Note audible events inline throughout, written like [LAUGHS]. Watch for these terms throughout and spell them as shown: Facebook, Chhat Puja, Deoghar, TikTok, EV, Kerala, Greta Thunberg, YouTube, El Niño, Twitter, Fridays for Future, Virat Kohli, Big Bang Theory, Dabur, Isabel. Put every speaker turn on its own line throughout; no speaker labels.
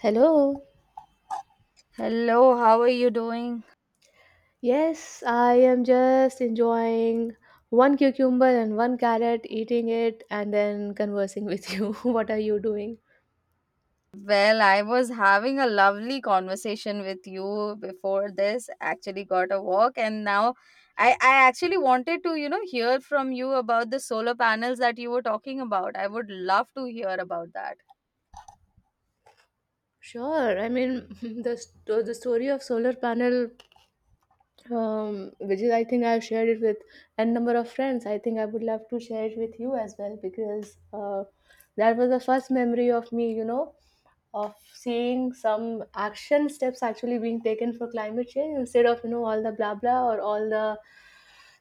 Hello.
Hello, how are you doing?
Yes, I am just enjoying one cucumber and one carrot, eating it, and then conversing with you. [LAUGHS] What are you doing?
Well, I was having a lovely conversation with you before this. Actually, got a walk, and now I actually wanted to, hear from you about the solar panels that you were talking about. I would love to hear about that.
Sure. I mean, [LAUGHS] the story of solar panel, which is, I think, I've shared it with n number of friends. I think I would love to share it with you as well, because that was the first memory of me. Of seeing some action steps actually being taken for climate change, instead of all the blah blah, or all the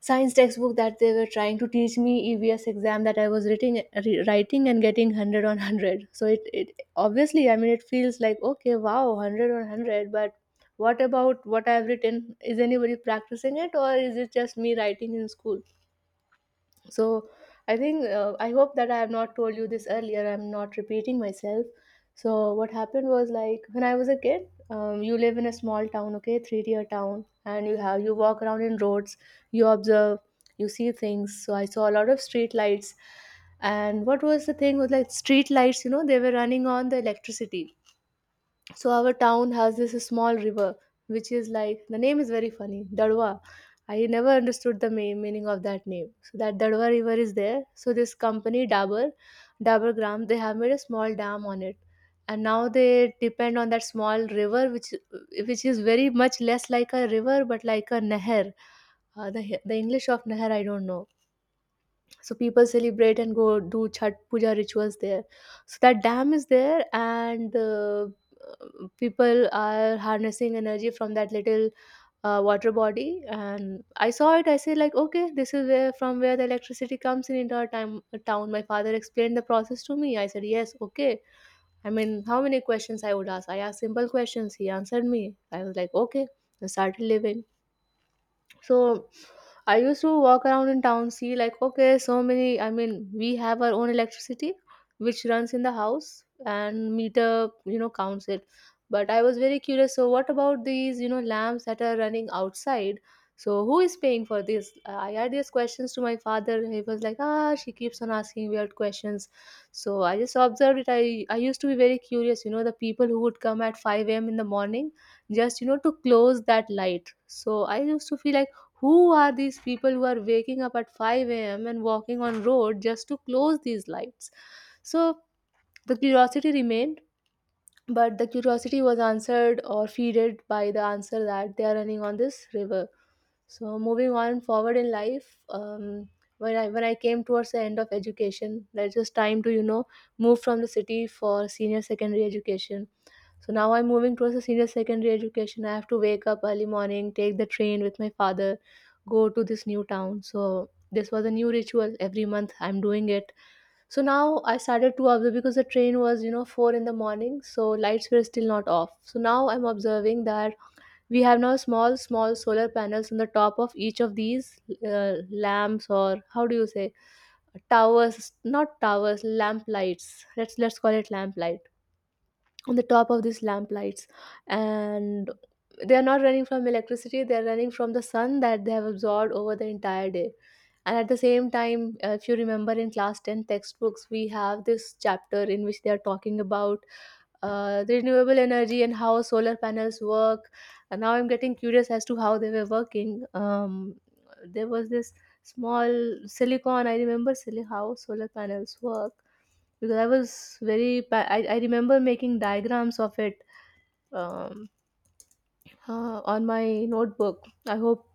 science textbook that they were trying to teach me. EVS exam that I was writing, writing, and getting 100 on 100. So it obviously, I mean, it feels like, okay, wow, 100 on 100, but what about what I've written? Is anybody practicing it, or is it just me writing in school? So I think, I hope that I have not told you this earlier. I'm not repeating myself. So what happened was, like, when I was a kid, you live in a small town, okay, three tier town, and you walk around in roads. You observe, you see things. So I saw a lot of street lights. And what was the thing was, like, street lights, they were running on the electricity. So our town has this small river, which is, like, the name is very funny, Dadwa. I never understood the main meaning of that name. So that Dadwa river is there. So this company dabur Dabur Gram, they have made a small dam on it. And now they depend on that small river, which is very much less like a river, but like a nehar. The English of nehar, I don't know. So people celebrate and go do Chhat Puja rituals there. So that dam is there, and people are harnessing energy from that little water body. And I saw it. I say, like, okay, this is where from where the electricity comes in into our town. My father explained the process to me. I said, yes, okay. I mean, how many questions I would ask? I asked simple questions. He answered me. I was like, okay. I started living. So I used to walk around in town, see like, okay, so many. I mean, we have our own electricity, which runs in the house, and meter counts it. But I was very curious. So what about these lamps that are running outside? So who is paying for this? I had these questions to my father. He was like, ah, she keeps on asking weird questions. So I just observed it. I used to be very curious. You know, the people who would come at 5 a.m. in the morning, just to close that light. So I used to feel like, who are these people who are waking up at 5 a.m. and walking on road just to close these lights? So the curiosity remained, but the curiosity was answered or feeded by the answer that they are running on this river. So moving on forward in life, when I came towards the end of education, that was time to move from the city for senior secondary education. So now I'm moving towards the senior secondary education. I have to wake up early morning, take the train with my father, go to this new town. So this was a new ritual. Every month I'm doing it. So now I started to observe, because the train was four in the morning, so lights were still not off. So now I'm observing that we have now small, small solar panels on the top of each of these lamps, or how do you say, towers? Not towers, lamp lights. Let's call it lamp light on the top of these lamp lights, and they are not running from electricity. They are running from the sun that they have absorbed over the entire day. And at the same time, if you remember in class 10 textbooks, we have this chapter in which they are talking about the renewable energy and how solar panels work. And now I'm getting curious as to how they were working. There was this small silicon. I remember silly how solar panels work, because I was very. I remember making diagrams of it, um, on my notebook. I hope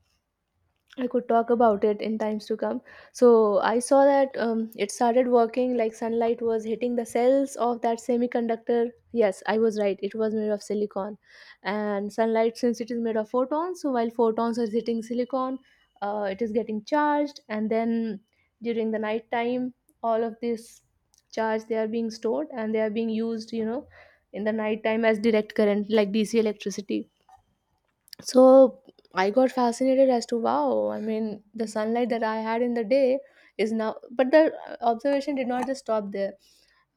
I could talk about it in times to come. So I saw that, it started working, like, sunlight was hitting the cells of that semiconductor. Yes, I was right. It was made of silicon. And sunlight, since it is made of photons, so while photons are hitting silicon, it is getting charged. And then during the night time, all of this charge they are being stored, and they are being used in the night time as direct current, like DC electricity. So I got fascinated as to wow, I mean, the sunlight that I had in the day is now, but the observation did not just stop there.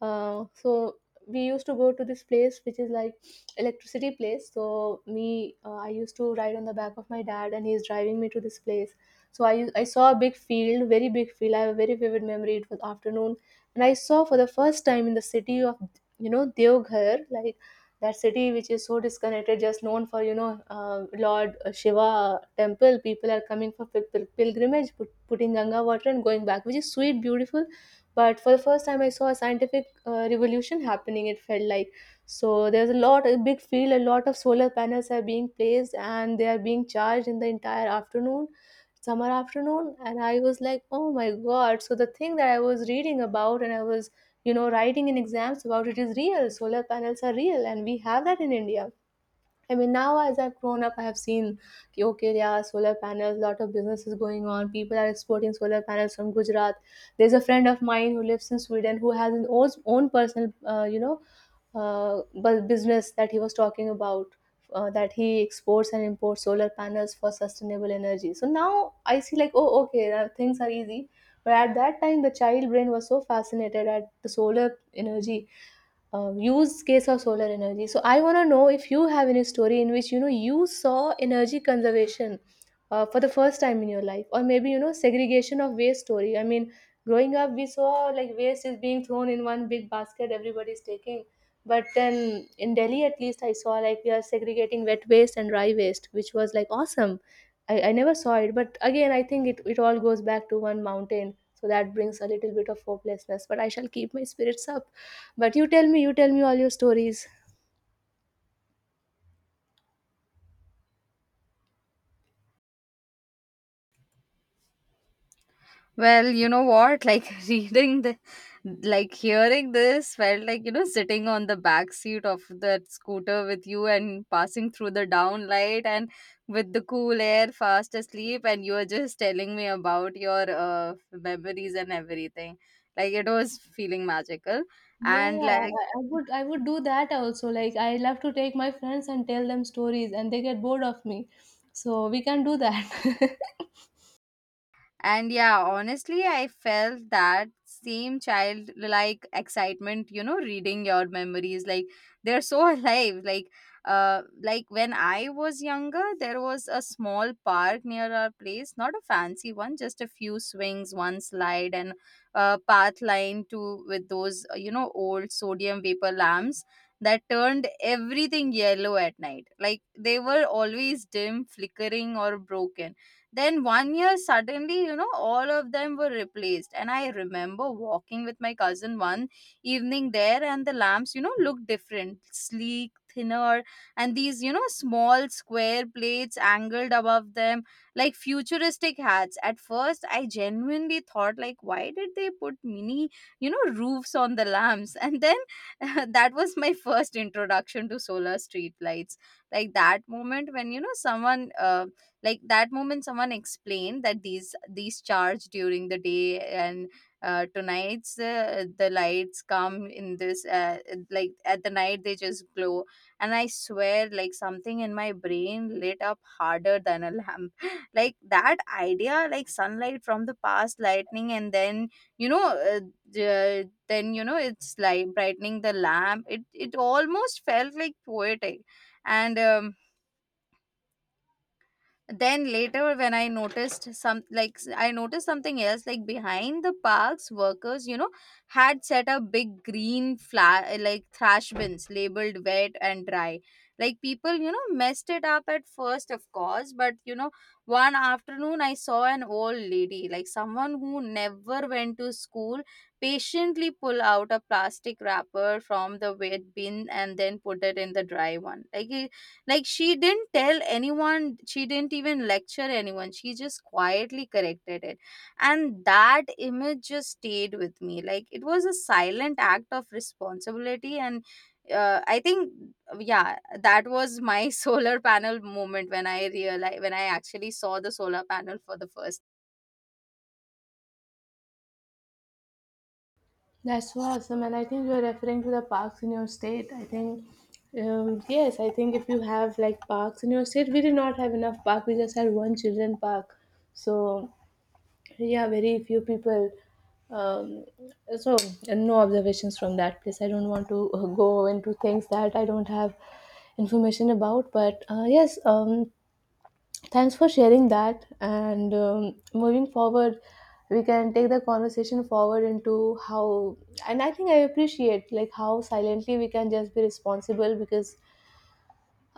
So we used to go to this place which is like electricity place. So me I used to ride on the back of my dad, and he's driving me to this place. So I saw a big field, very big field. I have a very vivid memory. It was afternoon, and I saw for the first time in the city of, Deoghar, like that city which is so disconnected, just known for Lord Shiva temple, people are coming for pilgrimage, putting Ganga water and going back, which is sweet, beautiful. But for the first time I saw a scientific revolution happening, it felt like. So there's a lot a big field, a lot of solar panels are being placed, and they are being charged in the entire afternoon, summer afternoon. And I was like, oh my god, so the thing that I was reading about, and I was writing in exams about, it is real. Solar panels are real, and we have that in India. I mean, now as I've grown up, I have seen, ki, okay, there are solar panels, lot of businesses going on. People are exporting solar panels from Gujarat. There's a friend of mine who lives in Sweden, who has his own personal, business that he was talking about. That he exports and imports solar panels for sustainable energy. So now I see like, oh, okay, now things are easy. But at that time, the child brain was so fascinated at the solar energy, use case of solar energy. So I want to know if you have any story in which you saw energy conservation for the first time in your life, or maybe segregation of waste story. I mean, growing up we saw like waste is being thrown in one big basket, everybody's taking. But then in Delhi, at least, I saw like we are segregating wet waste and dry waste, which was like awesome. I never saw it, but again, I think it all goes back to one mountain. So that brings a little bit of hopelessness. But I shall keep my spirits up. But you tell me all your stories.
Well, you know what? Like [LAUGHS] reading like hearing this felt like sitting on the back seat of that scooter with you and passing through the down light and with the cool air, fast asleep, and you were just telling me about your memories and everything. Like it was feeling magical,
Yeah,
and
yeah,
like.
I would do that also. Like, I love to take my friends and tell them stories, and they get bored of me. So we can do that.
And yeah, honestly, I felt that same childlike excitement, reading your memories. Like they're so [LAUGHS] alive. Like when I was younger, there was a small park near our place, not a fancy one, just a few swings, one slide and a path line to with those, old sodium vapor lamps that turned everything yellow at night. Like they were always dim, flickering or broken. Then one year, suddenly, all of them were replaced. And I remember walking with my cousin one evening there, and the lamps, looked different, sleek, thinner, and these, small square plates angled above them, like futuristic hats. At first, I genuinely thought, like, why did they put mini, roofs on the lamps? And then [LAUGHS] that was my first introduction to solar street lights. Like that moment when someone like that moment someone explained that these charge during the day and tonight's the lights come in this like at the night they just glow. And I swear, like something in my brain lit up harder than a lamp [LAUGHS] like that idea, like sunlight from the past lightning and then you know uh, then it's like brightening the lamp, it almost felt like poetic. And then later when I noticed some like I noticed something else like behind the parks workers had set up big green flag like trash bins labeled wet and dry. Like people messed it up at first, of course, but one afternoon I saw an old lady, like someone who never went to school, patiently pull out a plastic wrapper from the wet bin and then put it in the dry one. Like she didn't tell anyone, she didn't even lecture anyone. She just quietly corrected it. And that image just stayed with me. Like it was a silent act of responsibility and I think yeah, that was my [LAUGHS] solar panel moment when I realized, when I actually saw the solar panel for the first.
[LAUGHS] That's so awesome. And I think you're referring to the parks in your state. I think, yes, I think if you have like parks in your state, we did not have enough park. We just had one children park. So, yeah, very few people. Um, so and no observations from that place. I don't want to go into things that I don't have information about, but yes. Thanks for sharing that, and moving forward we can take the conversation forward into how. And I think I appreciate, like, how silently we can just be responsible, because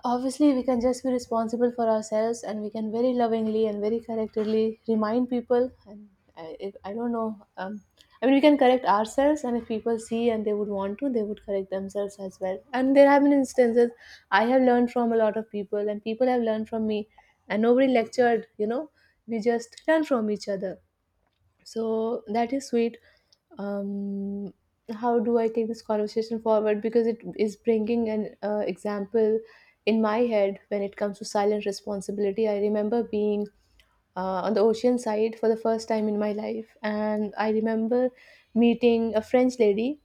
obviously, we can just be responsible for ourselves, and we can very lovingly and very correctly remind people. And I don't know. I mean, we can correct ourselves, and if people see and they would want to, they would correct themselves as well. And there have been instances I have learned from a lot of people, and people have learned from me, and nobody lectured, we just learn from each other. So that is sweet. Um, how do I take this conversation forward? Because it is bringing an example in my head when it comes to silent responsibility. I remember being on the ocean side for the first time in my life, and I remember meeting a French lady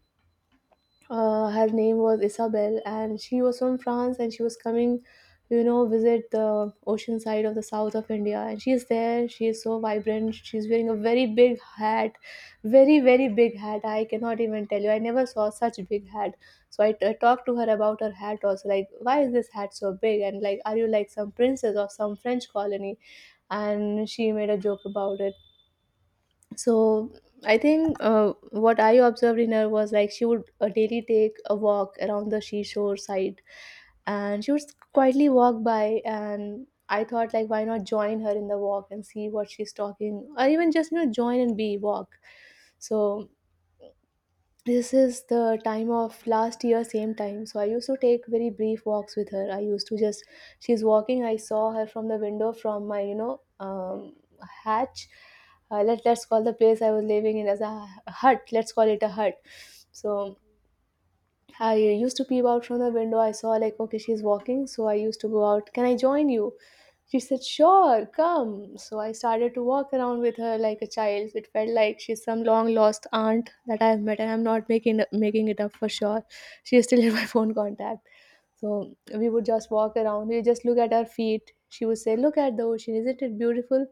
her name was Isabel, and she was from France, and she was coming, visit the ocean side of the south of India. And she is there. She is so vibrant. She's wearing a very big hat, very very big hat. I cannot even tell you. I never saw such big hat. So I talked to her about her hat also, like, why is this hat so big? And, like, are you like some princess of some French colony? And she made a joke about it. So I think, what I observed in her was, like, she would daily take a walk around the seashore side, and she would quietly walk by. And I thought, like, why not join her in the walk and see what she's talking, or even just join and be walk. So this is the time of last year, same time. So I used to take very brief walks with her. I used to just, she's walking, I saw her from the window, from my hatch. Let's call the place I was living in as a hut. Let's call it a hut. So I used to peep out from the window. I saw, like, okay, she's walking. So I used to go out. Can I join you? She said, sure, come. So I started to walk around with her like a child. It felt like she's some long lost aunt that I've met, and I'm not making it up for sure. She is still in my [LAUGHS] phone contact. So we would just walk around. We just look at our feet. She would say, "Look at the ocean. Isn't it beautiful?"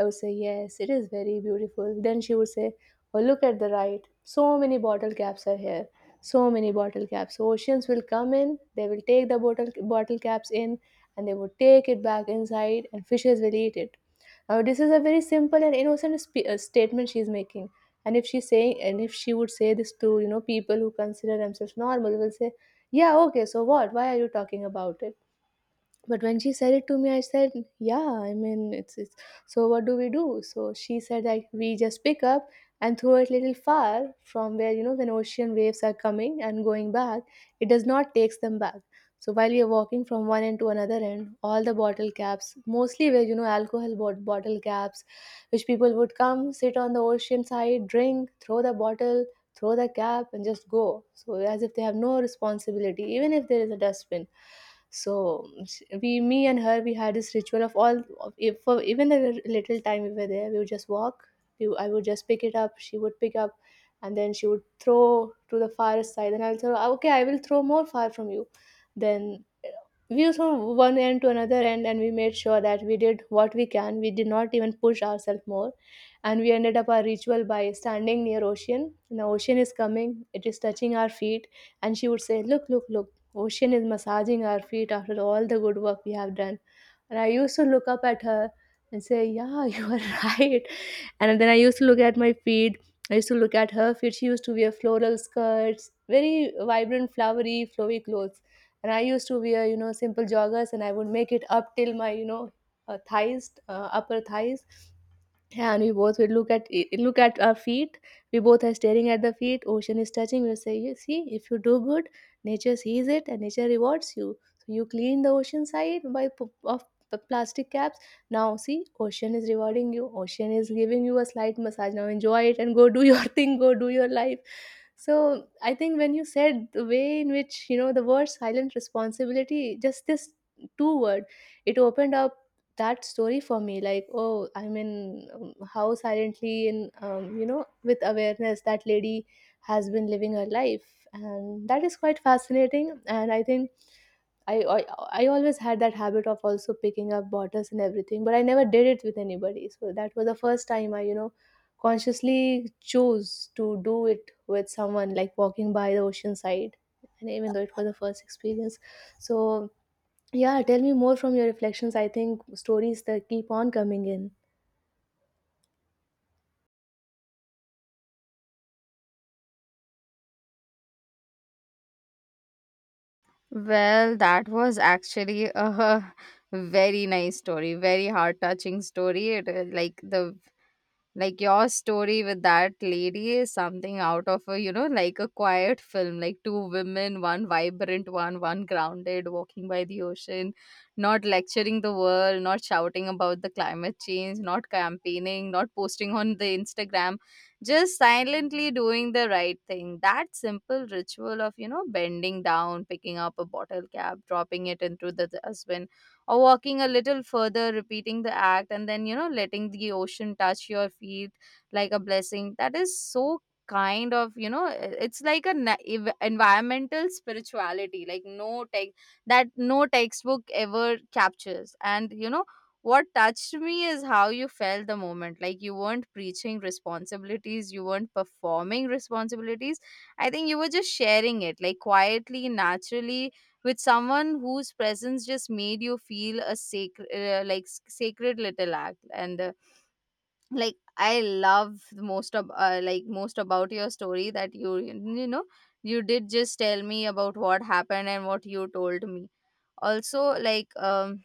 I would say, "Yes, it is very beautiful." Then she would say, "Oh, look at the right. So many bottle caps are here." So many bottle caps. So oceans will come in, they will take the bottle caps in, and they would take it back inside, and fishes will eat it. Now, this is a very simple and innocent statement she is making. And if she's saying, and if she would say this to people who consider themselves normal, will say, "Yeah, okay, so what? Why are you talking about it?" But when she said it to me, I said, "Yeah, I mean, it's so. What do we do?" So she said that we just pick up and throw it little far from where, when ocean waves are coming and going back, it does not takes them back. So while we are walking from one end to another end, all the bottle caps, mostly where, alcohol bottle caps, which people would come sit on the ocean side, drink, throw the bottle, throw the cap, and just go. So as if they have no responsibility, even if there is a dustbin. So we, me and her, we had this ritual of all of, if for even a little time we were there, we would just walk. I would just pick it up. She would pick up, and then she would throw to the far side, and I'll throw. "Ah, okay, I will throw more far from you." Then, we was from one end to another end, and we made sure that we did what we can. We did not even push ourselves more. And we ended up our ritual by standing near ocean, and the ocean is coming, it is touching our feet, and she would say, look, look, look, ocean is massaging our feet after all the good work we have done. And I used to look up at her and say, yeah, [LAUGHS] you are right. And then I used to look at my feet. I used to look at her feet. She used to wear floral skirts, very vibrant, flowery, flowy clothes. And I used to wear, simple joggers, and I would make it up till my, thighs, upper thighs. Yeah, and we both would look at, look at our feet. We both are staring at the feet. Ocean is touching. We'll say, "You see, if you do good, nature sees it and nature rewards you. So you clean the ocean side of plastic caps. Now see, ocean is rewarding you. Ocean is giving you a slight massage. Now enjoy it and go do your [LAUGHS] thing. Go do your life." So I think when you said the way in which, the word silent responsibility, just this two word, it opened up that story for me, like, oh, I mean, how silently and, with awareness that lady has been living her life. And that is quite fascinating. And I think I, I I always had that habit of also picking up bottles and everything, but I never did it with anybody. So that was the first time I, consciously chose to do it with someone, like walking by the ocean side, and even though it was the first experience. So, yeah, tell me more from your reflections. I think stories that keep on coming in.
Well, that was actually a [LAUGHS] very nice story, very heart touching story. It, like the Like your story with that lady is something out of a, you know, like a quiet film, like two women, one vibrant one, one grounded, walking by the ocean, not lecturing the world, not shouting about the climate change, not campaigning, not posting on the Instagram, just silently doing the right thing. That simple ritual of, you know, bending down, picking up a bottle cap, dropping it into the dustbin or walking a little further, repeating the act, and then, you know, letting the ocean touch your feet like a blessing. That is so kind of, you know, it's like a environmental spirituality, like no tech that no textbook ever captures. And, you know, what touched me is how you felt the moment. Like you weren't preaching responsibilities, you weren't performing responsibilities. I think you were just sharing it, like quietly, naturally, with someone whose presence just made you feel a sacred sacred little act and like I love the most of like most about your story that you know you did just tell me about what happened and what you told me also. Like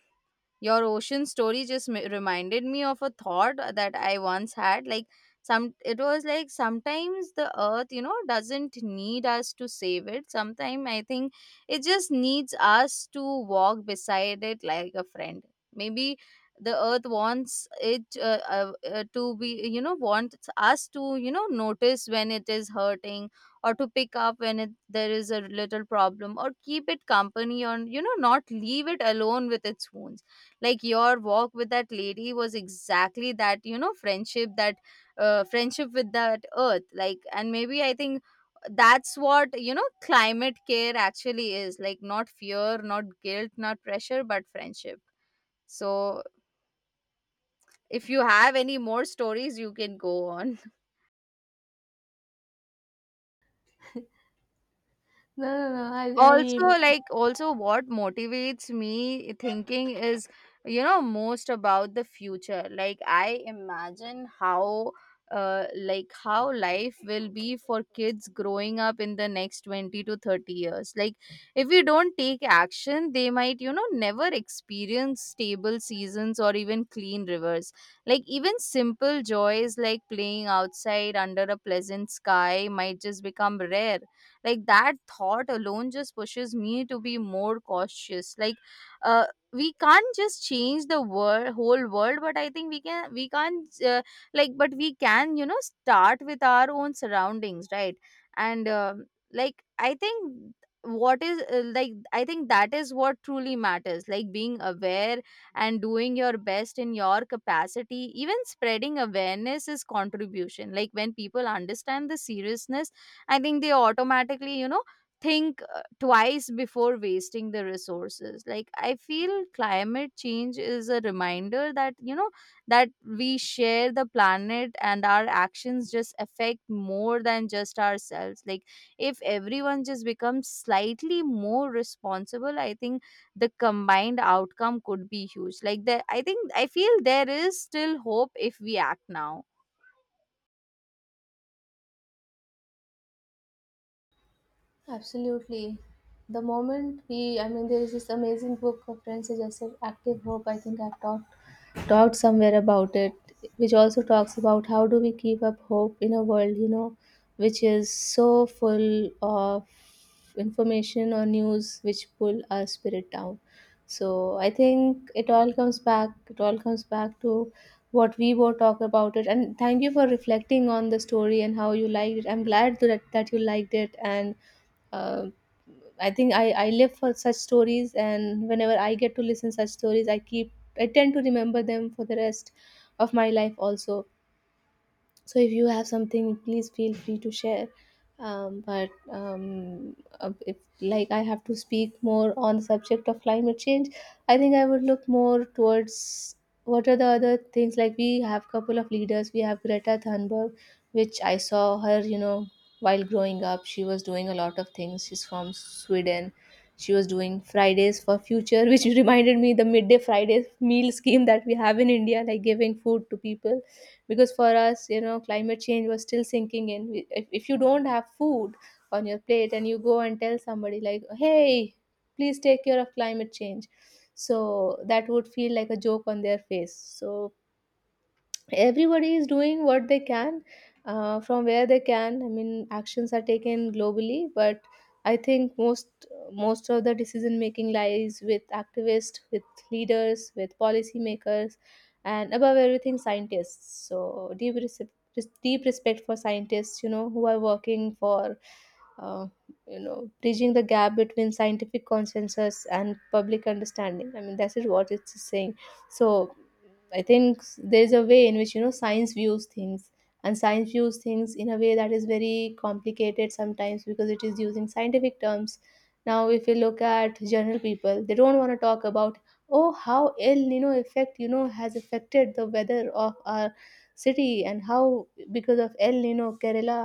your ocean story just reminded me of a thought that I once had. Like some, it was like sometimes the earth, you know, doesn't need us to save it. Sometimes I think it just needs us to walk beside it like a friend. Maybe the earth wants it to be, you know, wants us to, you know, notice when it is hurting or to pick up when it, there is a little problem or keep it company on, not leave it alone with its wounds. Like your walk with that lady was exactly that, you know, friendship that friendship with that earth. Like, and maybe I think that's what, you know, climate care actually is, like not fear, not guilt, not pressure, but friendship. So if you have any more stories you can go on.
No, no, no. I,
Also,
I
like also what motivates me thinking is, you know, most about the future. Like I imagine how like how life will be for kids growing up in the next 20 to 30 years. Like if we don't take action they might, you know, never experience stable seasons or even clean rivers. Like even simple joys like playing outside under a pleasant sky might just become rare. Like that thought alone just pushes me to be more cautious. Like uh, we can't just change the world, whole world, but I think we can, we can't like but we can, you know, start with our own surroundings, right? And like I think what is like I think that is what truly matters, like being aware and doing your best in your capacity. Even spreading awareness is contribution. Like when people understand the seriousness, I think they automatically, you know, think twice before wasting the resources. Like, I feel climate change is a reminder that, you know, that we share the planet and our actions just affect more than just ourselves. Like, if everyone just becomes slightly more responsible, I think the combined outcome could be huge. Like that, I think I feel there is still hope if we act now.
absolutely. The moment we, I mean, there is this amazing book of Prince Suggested Active Hope. I think I've talked somewhere about it, which also talks about how do we keep up hope in a world, which is so full of information or news which pull our spirit down. So I think it all comes back, it all comes back to what we both talk about it. And thank you for reflecting on the story and how you liked it. I'm glad that, you liked it and, uh, I think I live for such stories, and whenever I get to listen such stories, I tend to remember them for the rest of my life also. So if you have something, please feel free to share. But, if, like, I have to speak more on the subject of climate change, I think I would look more towards what are the other things. Like, we have couple of leaders. We have Greta Thunberg, which I saw her, while growing up she was doing a lot of things. She's from Sweden. She was doing Fridays for Future, which [LAUGHS] reminded me the midday Fridays meal scheme that we have in India, like giving food to people. Because for us, climate change was still sinking in. If you don't have food on your plate and you go and tell somebody, like, hey, please take care of climate change, so that would feel like a joke on their face. So everybody is doing what they can, from where they can. I mean, actions are taken globally, but I think most of the decision making lies with activists, with leaders, with policymakers, and above everything, scientists. So deep respect for scientists, who are working for, uh, bridging the gap between scientific consensus and public understanding. I mean, that is what it's saying. So I think there's a way in which, science views things, and science views things in a way that is very complicated sometimes because it is using scientific terms. Now, if you look at general people, they don't want to talk about, oh, how El Nino effect, has affected the weather of our city, and how because of El Nino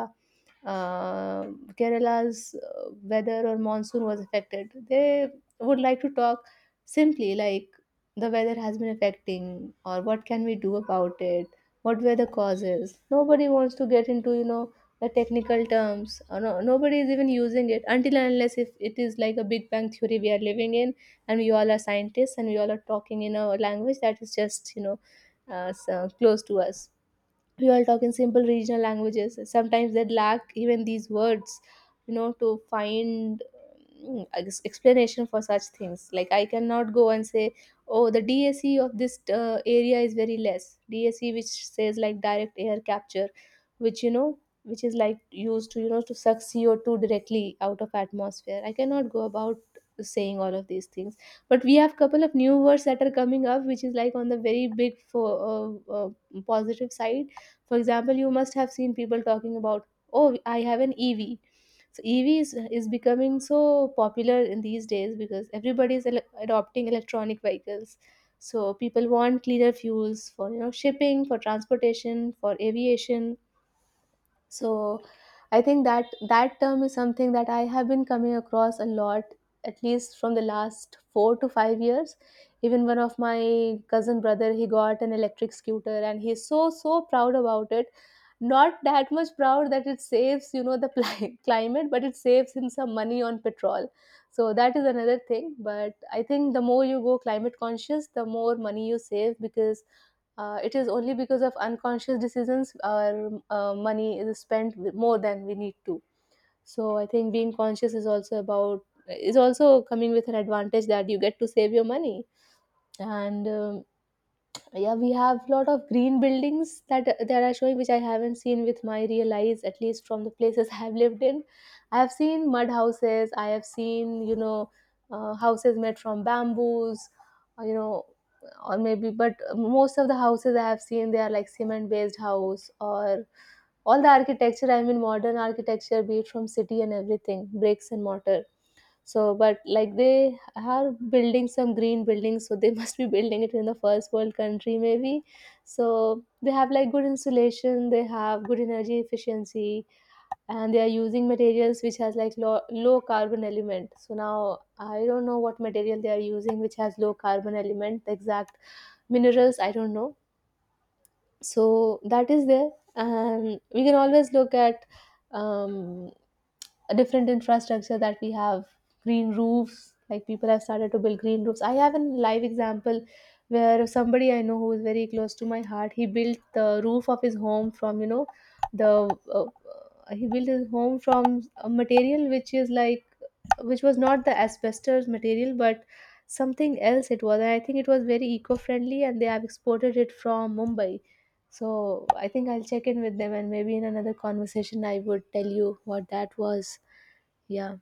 uh, Kerala's weather or monsoon was affected. They would like to talk simply, like, the weather has been affecting, or what can we do about it, what were the causes. Nobody wants to get into, the technical terms. Or no, nobody is even using it until and unless if it is like a Big Bang theory we are living in, and we all are scientists, and we all are talking in a language that is just, so close to us. We all talk in simple regional languages. Sometimes they lack even these words, to find explanation for such things. Like, I cannot go and say, oh, the dse of this area is very less. dse, which says, like, direct air capture, which, which is, like, used to, to suck CO2 directly out of atmosphere. I cannot go about saying all of these things. But we have couple of new words that are coming up, which is, like, on the very big for, positive side. For example, you must have seen people talking about, oh, I have an EV. So EV is becoming so popular in these days, because everybody is adopting electronic vehicles. So people want cleaner fuels for, shipping, for transportation, for aviation. So I think that that term is something that I have been coming across a lot, at least from the last 4 to 5 years. Even one of my cousin brother, he got an electric scooter and he's so so proud about it. Not that much proud that it saves, the [LAUGHS] climate, but it saves him some money on petrol. So that is another thing. But I think the more you go climate conscious, the more money you save, because, it is only because of unconscious decisions our, money is spent more than we need to. So I think being conscious is also about, is also coming with an advantage that you get to save your money, and, yeah, we have lot of green buildings that are showing, which I haven't seen with my real eyes, at least from the places [LAUGHS] I have lived in. I have seen mud houses. I have seen, houses made from bamboos, or, or maybe. But most of the houses I have seen, they are like cement based house, or all the architecture. I mean, modern architecture, be it from city and everything, bricks and mortar. So but, like, they are building some green buildings, so they [LAUGHS] must be building it in the first world country, maybe. So they have like good insulation, they have good energy efficiency, and they are using materials which has like low, low carbon element. So now I don't know what material they are using which has low carbon element. The exact minerals, I don't know. So that is there. And we can always look at, um, a different infrastructure that we have. Green roofs. Like, people have started to build green roofs. I have a live example where somebody I know, who is very close to my heart, he built the roof of his home from, the, he built his home from a material which is like which was not the asbestos material, but something else it was. And I think it was very eco-friendly, and they have exported it from Mumbai. So I think I'll check in with them, and maybe in another conversation I would tell you what that was. Yeah.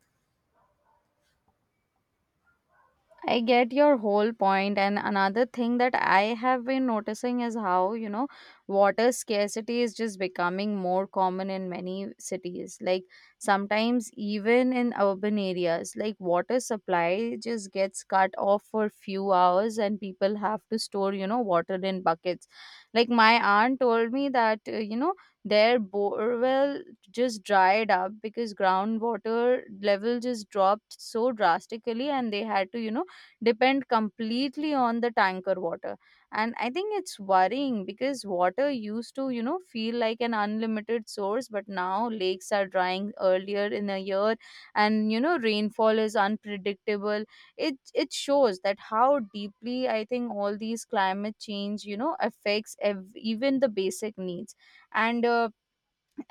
I get your whole point, and another thing that I have been noticing is how, you know, water scarcity is just becoming more common in many cities. Like sometimes, even in urban areas, like water supply just gets cut off for few hours, and people have to store, you know, water in buckets. Like my aunt told me that you know, their borewell just dried up because groundwater level just dropped so drastically, and they had to, you know, depend completely on the tanker water. And I think it's worrying because water used to, you know, feel like an unlimited source, but now lakes are drying earlier in the year and, you know, rainfall is unpredictable. It shows that how deeply I think all these climate change, you know, affects even the basic needs. And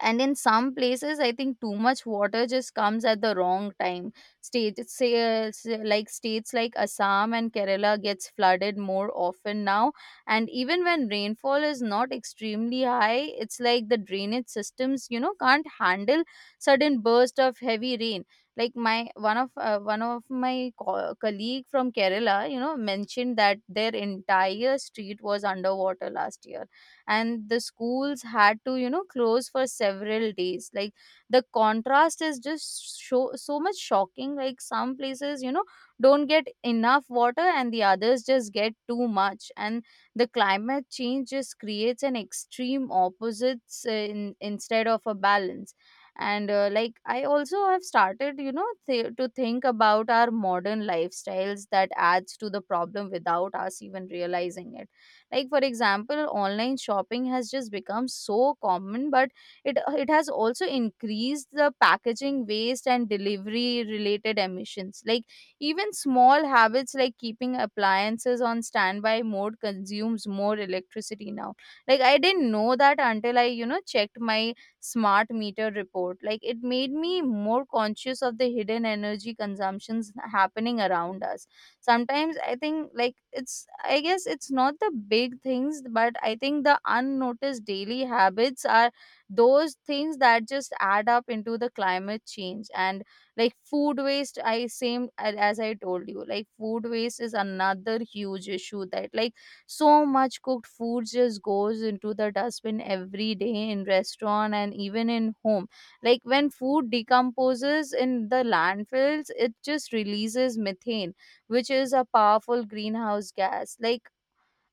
and in some places I think too much water just comes at the wrong time. States say, like states like Assam and Kerala gets flooded more often now. And even when rainfall is not extremely high, it's like the drainage systems, you know, can't handle sudden burst of heavy rain. Like my one of my colleague from Kerala, you know, mentioned that their entire street was underwater last year and the schools had to, you know, close for several days. Like the contrast is just so so much shocking. Like some places, you know, don't get enough water and the others just get too much, and the climate change just creates an extreme opposites instead of a balance. And like I also have started, you know, to think about our modern lifestyles that adds to the problem without us even realizing it. Like for example, online shopping has just become so common, but it it has also increased the packaging waste and delivery related emissions. Like even small habits like keeping appliances on standby mode consumes more electricity now. Like I didn't know that until I, you know, checked my smart meter report. Like it made me more conscious of the hidden energy consumptions happening around us. Sometimes I think, like it's, I guess it's not the big things, but I think the unnoticed daily habits are those things that just add up into the climate change. And like food waste, I same as I told you, like food waste is another huge issue that, like so much cooked food just goes into the dustbin every day in restaurant and even in home. Like when food decomposes in the landfills, it just releases methane, which is a powerful greenhouse gas. Like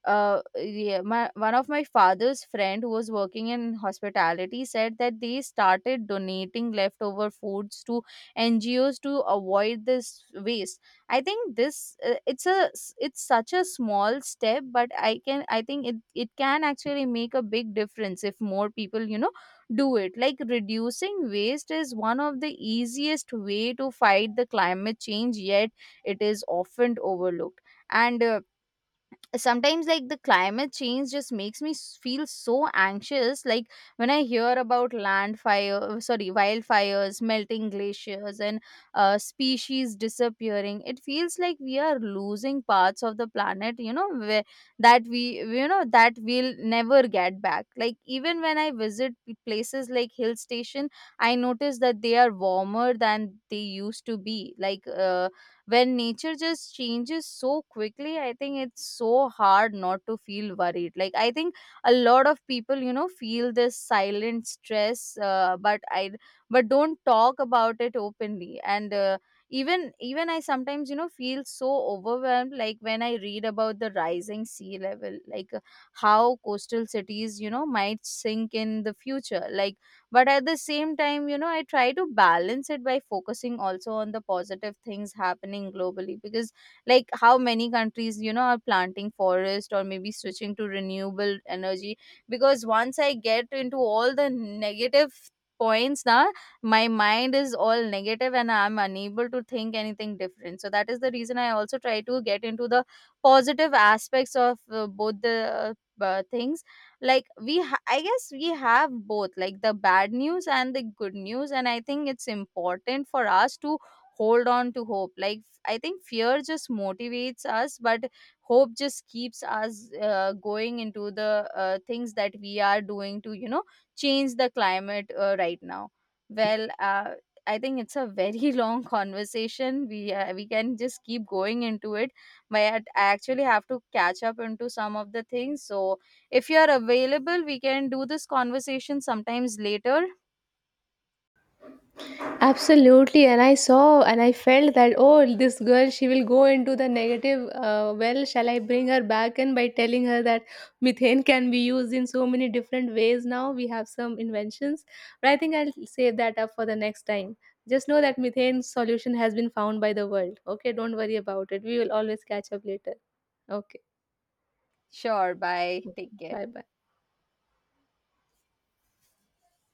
yeah, one of my father's friend who was working in hospitality said that they started donating leftover foods to NGOs to avoid this waste. I think this it's it's such a small step, but I can, I think it can actually make a big difference if more people, you know, do it. Like reducing waste is one of the easiest way to fight the climate change, yet it is often overlooked. And sometimes like the climate change just makes me feel so anxious. Like when I hear about land fire sorry wildfires, melting glaciers and species disappearing, it feels like we are losing parts of the planet, you know, where, that we, you know, that we'll never get back. Like even when I visit places like hill station, I notice that they are warmer than they used to be. Like when nature just changes so quickly, I think it's so hard not to feel worried. Like I think a lot of people, you know, feel this silent stress, but don't talk about it openly. And even I sometimes, you know, feel so overwhelmed. Like when I read about the rising sea level, like how coastal cities, you know, might sink in the future. Like, but at the same time, you know, I try to balance it by focusing also on the positive things happening globally, because like how many countries, you know, are planting forest or maybe switching to renewable energy. Because once I get into all the negative points now, my mind is all negative and I'm unable to think anything different. So that is the reason I also try to get into the positive aspects of both the things. Like I guess we have both like the bad news and the good news, and I think it's important for us to hold on to hope. Like I think fear just motivates us, but hope just keeps us going into the things that we are doing to, you know, change the climate right now. Well I think it's a very [LAUGHS] long conversation. We can just keep going into it, but I actually have to catch up into some of the things. So if you are available, we can do this conversation sometimes later.
Absolutely. And I saw and I felt that, oh, this girl, she will go into the negative. Well, shall I bring her back in by telling her that methane can be used in so many different ways now? We have some inventions. But I think I'll save that up for the next time. Just know that methane solution has been found by the world. Okay. Don't worry about it. We will always catch up later. Okay.
Sure, bye. Take care.
Bye bye.